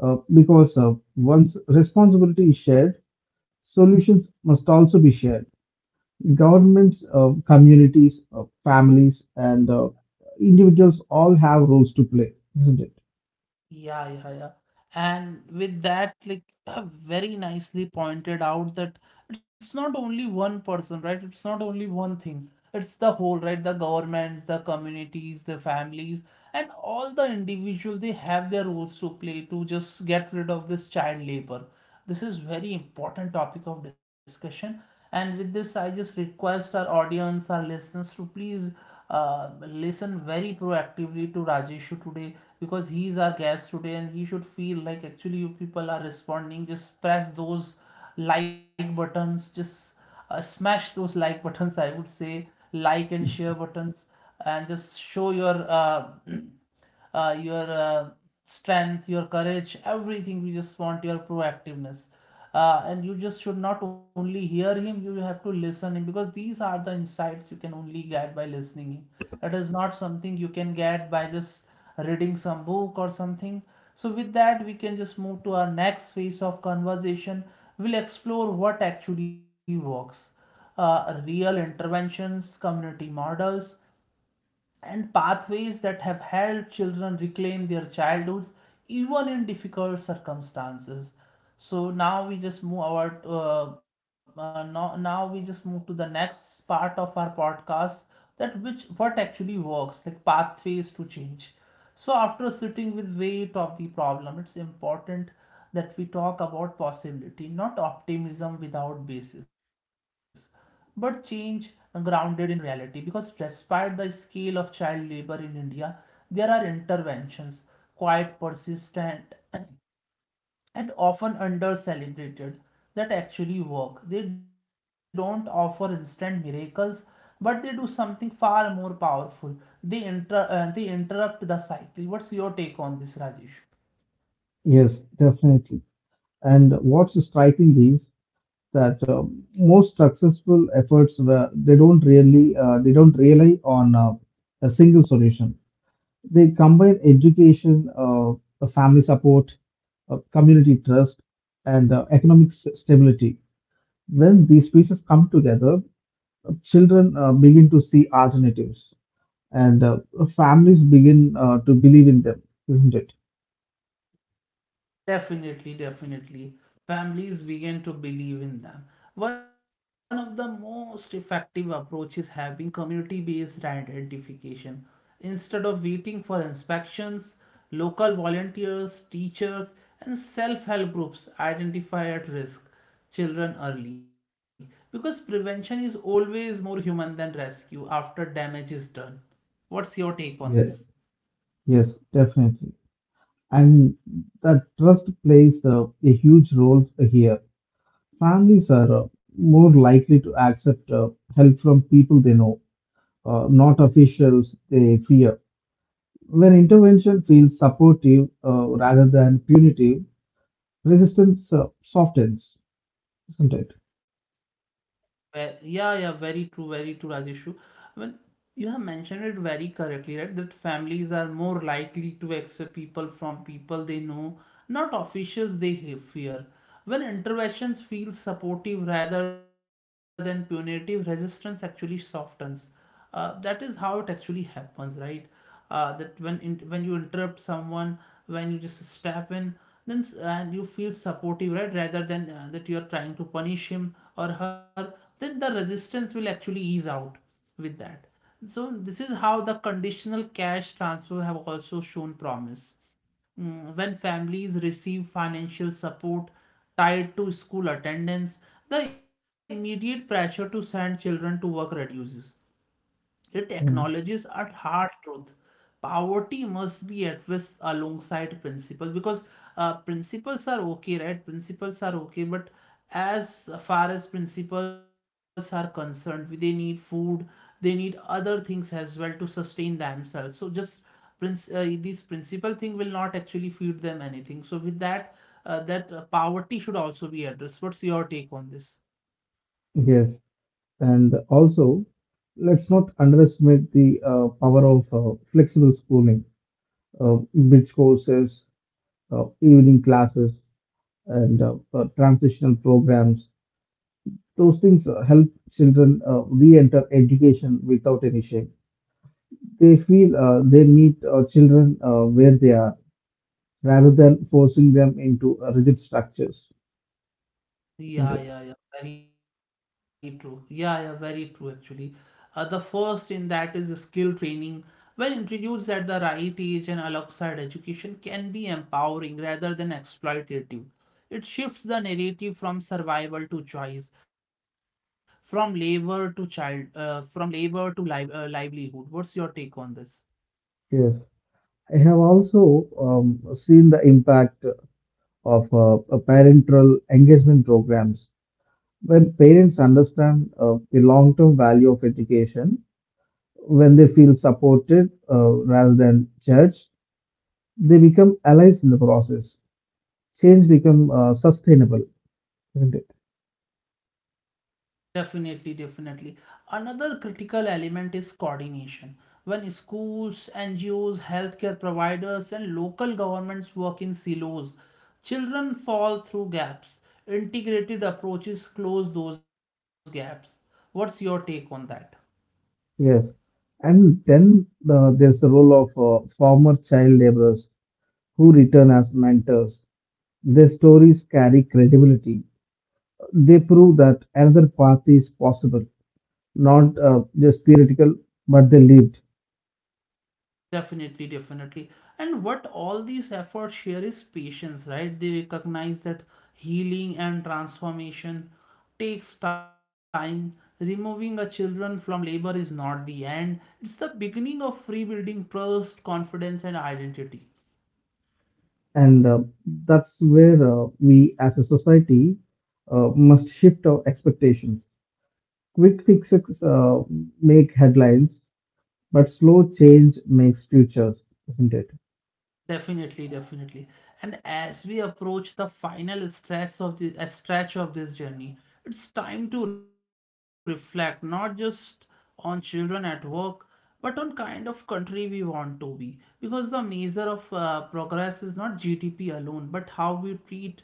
B: because once responsibility is shared, solutions must also be shared. Governments, communities, families, and individuals all have roles to play, isn't it?
A: Yeah, yeah, yeah. And with that, like you have very nicely pointed out that it's not only one person, right? It's not only one thing. It's the whole, right? The governments, the communities, the families, and all the individuals, they have their roles to play to just get rid of this child labor. This is very important topic of discussion. And with this, I just request our audience, our listeners to please listen very proactively to Rajeshu today, because he is our guest today and he should feel like actually you people are responding. Just press those like buttons, just smash those like buttons, I would say, like and share buttons, and just show your your strength, your courage, everything. We just want your proactiveness. And you just should not only hear him, you have to listen him because these are the insights you can only get by listening him. It is not something you can get by just reading some book or something. So with that, we can just move to our next phase of conversation. We'll explore what actually works. Real interventions, community models, and pathways that have helped children reclaim their childhoods even in difficult circumstances. So now we just move our now we just move to the next part of our podcast, that which what actually works, like pathways to change. So after sitting with weight of the problem, it's important that we talk about possibility, not optimism without basis, but change grounded in reality. Because despite the scale of child labor in India, there are interventions, quite persistent and often under celebrated, that actually work. They don't offer instant miracles, but they do something far more powerful. They interrupt the cycle. What's your take on this, Rajesh?
B: Yes, definitely. And what's striking is that most successful efforts were they don't really they don't rely on a single solution. They combine education, family support, community trust, and economic stability. When these pieces come together, children begin to see alternatives, and families begin to believe in them, isn't it?
A: Definitely, definitely. Families began to believe in them. One of the most effective approaches have been community based identification. Instead of waiting for inspections, local volunteers, teachers, and self help groups identify at risk children early, because prevention is always more human than rescue after damage is done. What's your take on
B: Yeah.
A: this?
B: Yes, definitely. And that trust plays a huge role here. Families are more likely to accept help from people they know, not officials they fear. When intervention feels supportive rather than punitive, resistance softens, isn't it?
A: Yeah, yeah, very true, Rajeshu. Well, you have mentioned it very correctly, right? That families are more likely to accept people from people they know, not officials they fear. When interventions feel supportive rather than punitive, resistance actually softens. That is how it actually happens, right? That when you interrupt someone, when you just step in, then s- and you feel supportive right rather than that you are trying to punish him or her, then the resistance will actually ease out with that. So this is how the conditional cash transfer have also shown promise. Mm, when families receive financial support tied to school attendance, the immediate pressure to send children to work reduces. The
B: Yeah.
A: technologies at hard truth. Poverty must be addressed alongside principles, because principles are okay, right? Principles are okay, but as far as principles are concerned, they need food, they need other things as well to sustain themselves. So just this principle thing will not actually feed them anything. So with that, poverty should also be addressed. What's your take on this?
B: Yes, and also let's not underestimate the power of flexible schooling, bridge courses, evening classes, and transitional programs. Those things help children re-enter education without any shame. They meet children where they are rather than forcing them into rigid structures, isn't it?
A: Yeah, yeah, yeah, very true. Yeah, yeah, very true actually. The first in that is skill training. When introduced at the right age and alongside education, can be empowering rather than exploitative. It shifts the narrative from survival to choice, from labor to livelihood. What's your take on this?
B: Yes. I have also seen the impact of parental engagement programs. When parents understand the long term value of education, when they feel supported rather than judged, they become allies in the process. Change become sustainable, isn't it?
A: Definitely, definitely. Another critical element is coordination. When schools, NGOs, healthcare providers, and local governments work in silos, children fall through gaps. Integrated approaches close those gaps. What's your take on that?
B: Yes. And then there's the role of former child laborers who return as mentors. Their stories carry credibility. They prove that another path is possible, not just theoretical, but they lived.
A: Definitely, definitely. And what all these efforts share is patience, right? They recognize that healing and transformation takes time. Removing a children from labor is not the end, it's the beginning of rebuilding trust, confidence, and identity.
B: And that's where we as a society must shift our expectations. Quick fixes make headlines, but slow change makes futures, isn't it?
A: Definitely, definitely. And as we approach the final stretch of the a stretch of this journey, it's time to reflect not just on children at work, but on kind of country we want to be. Because the measure of progress is not GDP alone, but how we treat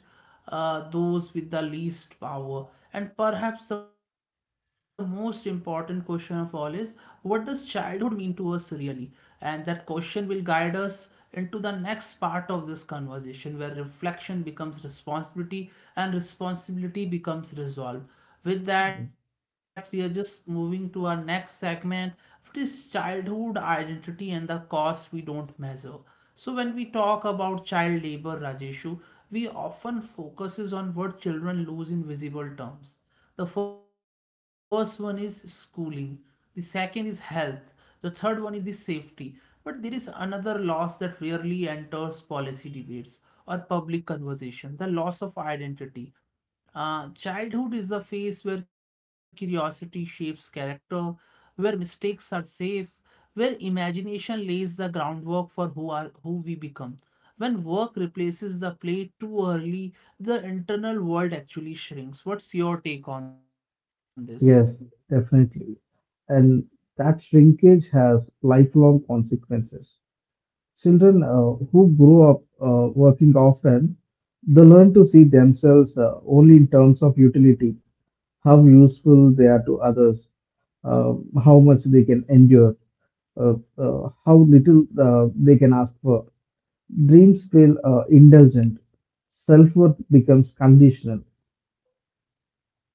A: those with the least power. And perhaps the most important question of all is, what does childhood mean to us really? And that question will guide us into the next part of this conversation, where reflection becomes responsibility and responsibility becomes resolve. With that, we are just moving to our next segment. It is childhood identity and the cost we don't measure. So when we talk about child labor, Rajeshu, we often focuses on what children lose in visible terms. The first one is schooling, the second is health, the third one is the safety. But there is another loss that rarely enters policy debates or public conversation, the loss of identity. Childhood is the phase where curiosity shapes character, where mistakes are safe, where imagination lays the groundwork for who are who we become. When work replaces the play too early, the internal world actually shrinks. What's your take on this?
B: Yes, definitely. And that shrinkage has lifelong consequences. Children who grow up working often, they learn to see themselves only in terms of utility, how useful they are to others, uh, how much they can endure, how little they can ask for. Dreams feel indulgent. Self worth becomes conditional.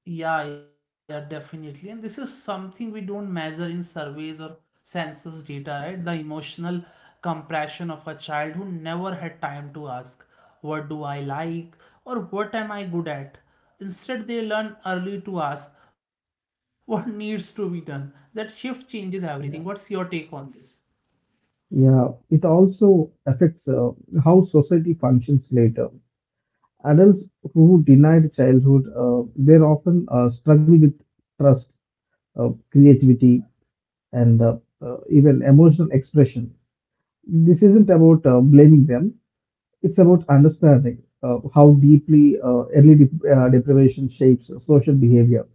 A: Yeah, yeah, definitely. And this is something we don't measure in surveys or census data, right? The emotional compression of a child who never had time to ask, what do I like? Or what am I good at? Instead, they learn early to ask, what needs to be done? That shift changes everything. What's your take on this?
B: Yeah, it also affects how society functions later. Adults who denied childhood, they often struggle with trust, creativity, and even emotional expression. This isn't about blaming them, it's about understanding how deeply early deprivation shapes social behavior.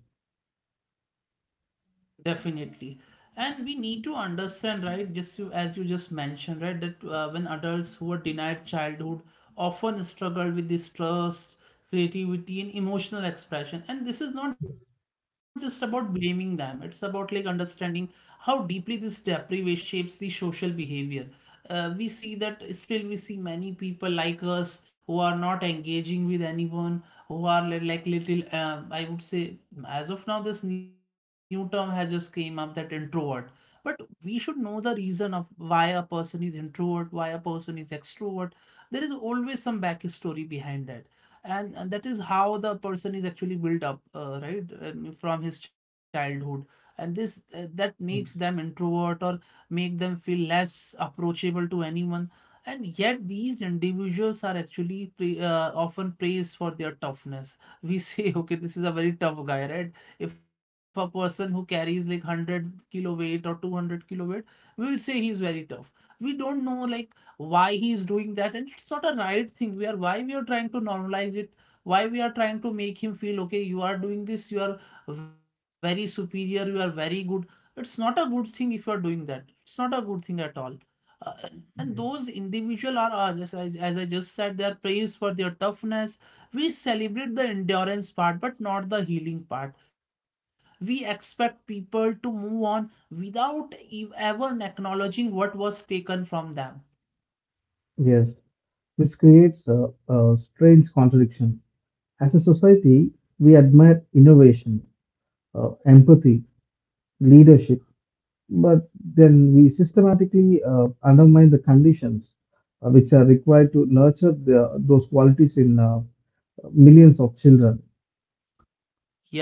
A: Definitely. And we need to understand, right, just you, as you just mentioned, right, that when adults who are denied childhood often struggle with this trust, creativity, and emotional expression. And this is not just about blaming them. It's about like understanding how deeply this deprivation shapes the social behavior. We see that, still we see many people like us who are not engaging with anyone, who are like little I would say, as of now this new term has just came up, that introvert. But we should know the reason of why a person is introvert, why a person is extrovert. There is always some backstory behind that. And that is how the person is actually built up, right, from his childhood, and this that makes them introvert or make them feel less approachable to anyone. And yet, these individuals are actually often praised for their toughness. We say, okay, this is a very tough guy, right? If a person who carries like 100-kilo weight or 200-kilo weight, we will say he's very tough. We don't know like why he is doing that, and it's not a right thing. We are, why we are trying to normalize it? Why we are trying to make him feel okay, you are doing this, you are very superior, you are very good? It's not a good thing if you are doing that. It's not a good thing at all. Uh, and those individual are just, as I just said, they are praised for their toughness. We celebrate the endurance part, but not the healing part. We expect people to move on without ever acknowledging what was taken from them.
B: Yes, which creates a strange contradiction. As a society, we admire innovation, empathy, leadership, but then we systematically undermine the conditions which are required to nurture the, those qualities in millions of children.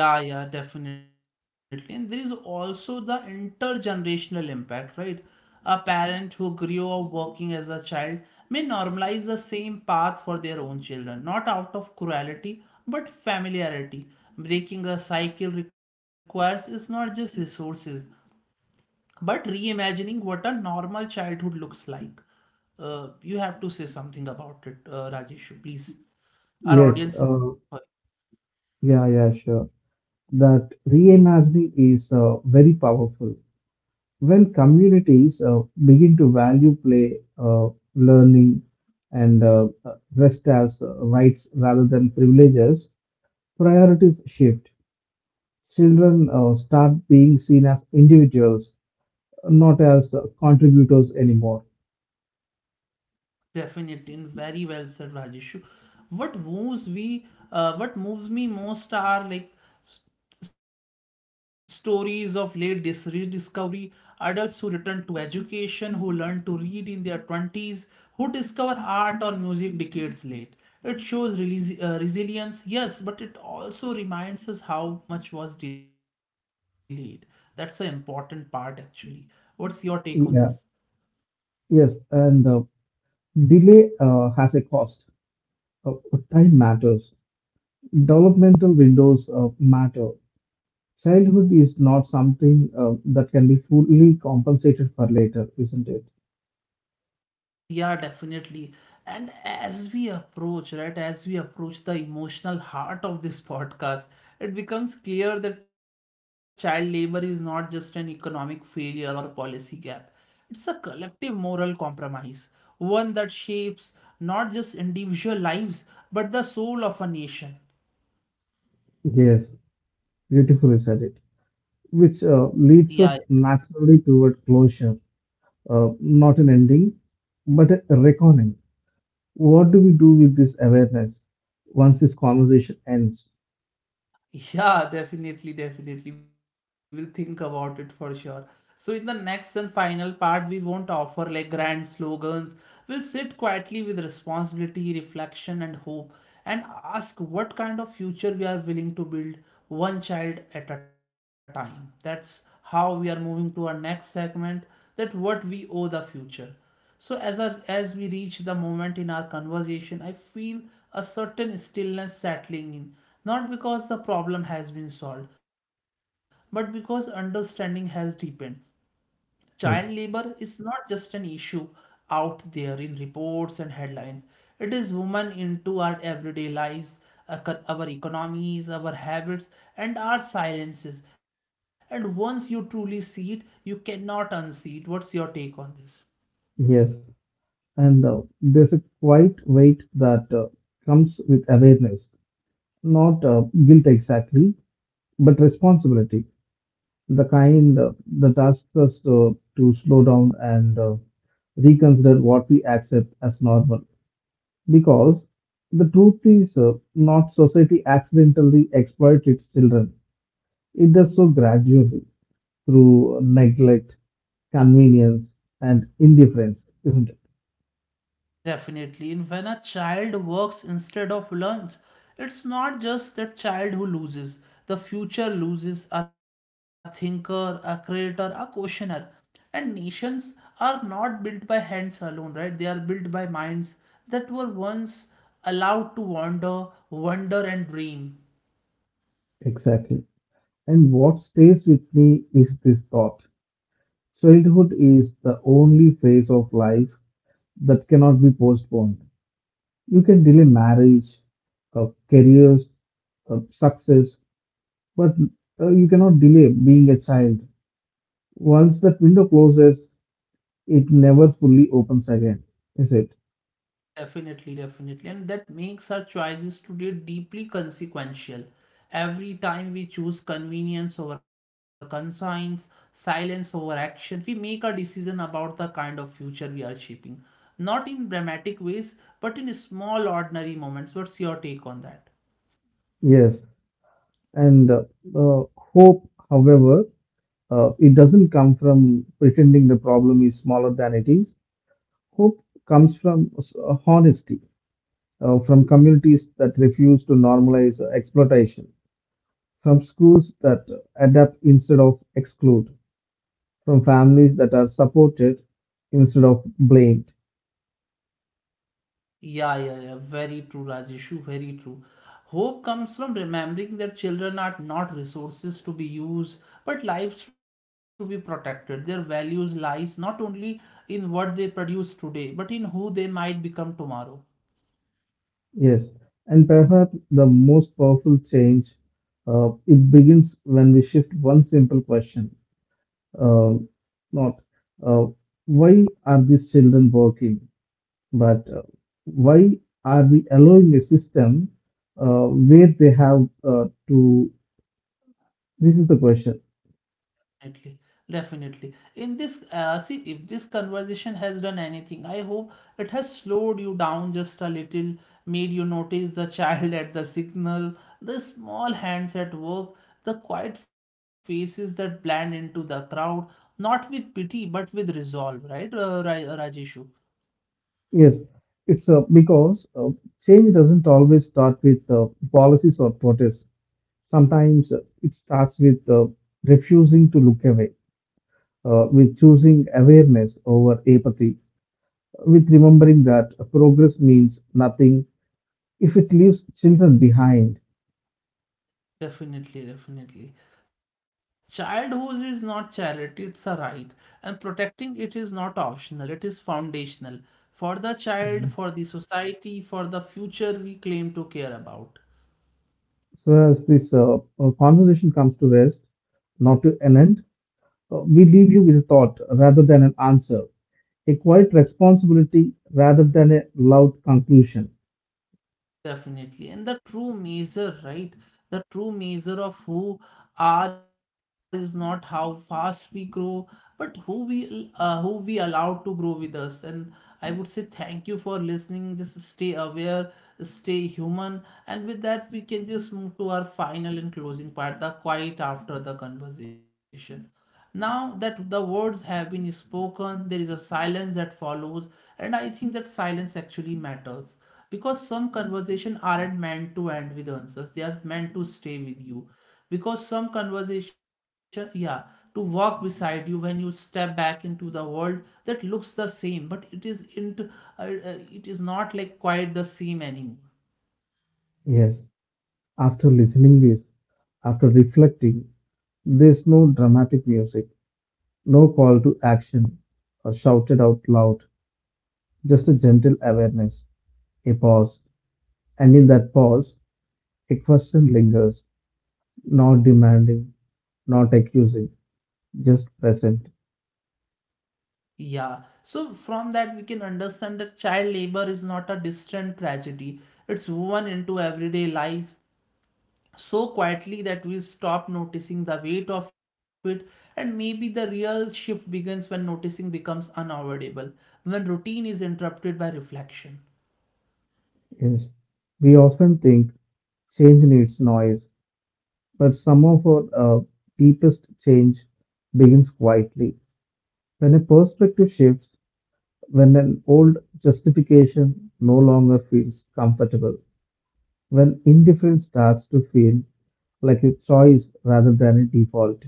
A: Yeah, yeah, definitely. And there is also the intergenerational impact, right? A parent who grew up working as a child may normalize the same path for their own children, not out of cruelty, but familiarity. Breaking the cycle requires is not just resources, but reimagining what a normal childhood looks like. You have to say something about it, Rajesh, please.
B: Yes,
A: Our audience is.
B: yeah, yeah, sure. That reimagining is very powerful. When communities begin to value play, learning, and rest as rights rather than privileges, priorities shift. Children start being seen as individuals not as contributors anymore.
A: Definitely, and very well said, Rajesh. What moves we, what moves me most are like s- stories of late rediscovery, adults who return to education, who learn to read in their twenties, who discover art or music decades late. It shows resilience, yes, but it also reminds us how much was delayed. That's an important part, actually. What's your take on this?
B: Yeah. Yes, and delay has a cost. Uh, Time matters. Developmental windows matter. Childhood is not something that can be fully compensated for later, isn't it?
A: Yeah, definitely. And as we approach, right, as we approach the emotional heart of this podcast, it becomes clear that child labor is not just an economic failure or policy gap. It's a collective moral compromise, one that shapes not just individual lives, but the soul of a nation.
B: Yes, beautifully said it. Which
A: Yeah,
B: leads us naturally toward closure, not an ending, but a reckoning. What do we do with this awareness once this conversation ends?
A: yeah, definitely, definitely. We'll think about it for sure. So, in the next and final part, we won't offer like grand slogans. We'll sit quietly with responsibility, reflection, and hope, and ask what kind of future we are willing to build, one child at a time. That's how we are moving to our next segment, that what we owe the future. So as we reach the moment in our conversation, I feel a certain stillness settling in, not because the problem has been solved, but because understanding has deepened. Child
B: Yes.
A: labor is not just an issue out there in reports and headlines. It is woven into our everyday lives, our economies, our habits, and our silences. And once you truly see it, you cannot unsee it. What's your take on this?
B: Yes. And there's a quite weight that comes with awareness, not guilt exactly, but responsibility. The kind that asks us to slow down and reconsider what we accept as normal. Because the truth is, not society accidentally exploits its children. It does so gradually through neglect, convenience, and indifference, isn't it?
A: Definitely. And when a child works instead of learns, it's not just that child who loses. The future loses a thinker, a creator, a questioner. And nations are not built by hands alone, right? They are built by minds that were once allowed to wander, wonder, and dream.
B: Exactly. And what stays with me is this thought childhood is the only phase of life that cannot be postponed. You can delay marriage, careers, success, but you cannot delay being a child. Once that window closes, it never fully opens again, is it?
A: Definitely, definitely. And that makes our choices today deeply consequential. Every time we choose convenience over conscience, silence over action, we make a decision about the kind of future we are shaping. Not in dramatic ways, but in small, ordinary moments. What's your take on that?
B: Yes. And hope, however, it doesn't come from pretending the problem is smaller than it is. Hope comes from honesty. From communities that refuse to normalize exploitation, from schools that adapt instead of exclude, from families that are supported instead of blamed.
A: Yeah, yeah, yeah. Very true, Rajeshu. Very true. Hope comes from remembering that children are not resources to be used, but lives to be protected. Their values lies not only in what they produce today, but in who they might become tomorrow.
B: Yes, and perhaps the most powerful change it begins when we shift one simple question, uh, not uh, why are these children working, but why are we allowing a system uh, where they have to? This is the question.
A: Definitely, definitely. In this, see, if this conversation has done anything, I hope it has slowed you down just a little, made you notice the child at the signal, the small hands at work, the quiet faces that blend into the crowd, not with pity but with resolve, right, Rajeshu?
B: Yes, it's because change doesn't always start with policies or protests. Sometimes it starts with refusing to look away, with choosing awareness over apathy, with remembering that progress means nothing if it leaves children behind.
A: Definitely, definitely. Childhood is not charity, it's a right. And protecting it is not optional, it is foundational. For the
B: Mhm.
A: child, for the society, for the future we claim to care about.
B: So, as this conversation comes to rest, not to an end, we leave you with a thought rather than an answer, a quiet responsibility rather than a loud conclusion.
A: Definitely. And the true measure, right? The true measure of who are is not how fast we grow, but who we allow to grow with us. And I would say thank you for listening. Just stay aware, stay human, and with that we can just move to our final and closing part, the quiet after the conversation. Now that the words have been spoken, there is a silence that follows, and I think that silence actually matters, because some conversation aren't meant to end with answers. They are meant to stay with you, because some conversation, yeah, to walk beside you when you step back into the world that looks the same, but it is not like quite the same anymore.
B: Yes, after listening this, after reflecting, there's no dramatic music, no call to action or shouted out loud, just a gentle awareness, a pause. And in that pause, a question lingers, not demanding, not accusing, just present.
A: Yeah, so from that we can understand that child labor is not a distant tragedy. It's woven into everyday life so quietly that we stop noticing the weight of it, and maybe the real shift begins when noticing becomes unavoidable, when routine is interrupted by reflection.
B: Yes, we often think change needs noise, but some of our uh, deepest change begins quietly. When a perspective shifts, when an old justification no longer feels comfortable, when indifference starts to feel like a choice rather than a default.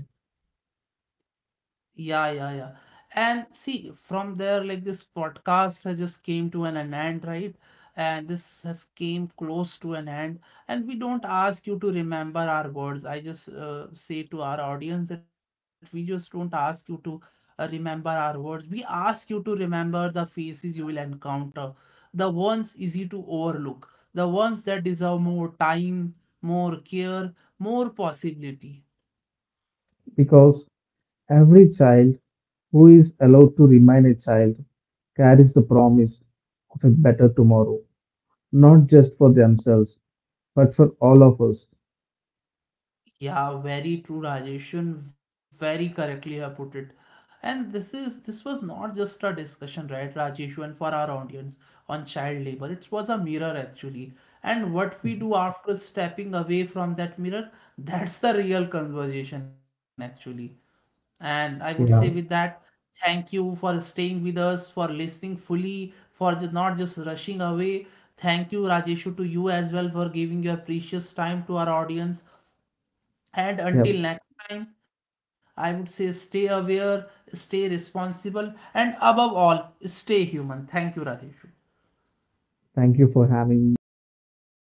A: Yeah, yeah, yeah. And see, from there, like this podcast has just came to an end, right? And this has came close to an end. And we don't ask you to remember our words. I just say to our audience that we just don't ask you to remember our words. We ask you to remember the faces you will encounter, the ones easy to overlook, the ones that deserve more time, more care, more possibility.
B: Because every child who is allowed to remain a child carries the promise of a better tomorrow, not just for themselves, but for all of us.
A: Yeah, very true, Rajesh, very correctly you have put it. And this was not just a discussion, right, Rajesh, and for our audience on child labor. It was a mirror actually. And what we do after stepping away from that mirror, that's the real conversation actually. And I would say with
B: Yeah,
A: that, thank you for staying with us, for listening fully, for not just rushing away. Thank you, Rajeshu, to you as well for giving your precious time to our audience. And
B: yeah.
A: until next time, I would say stay aware, stay responsible, and above all, stay human. Thank you, Rajesh.
B: Thank you for having me in this great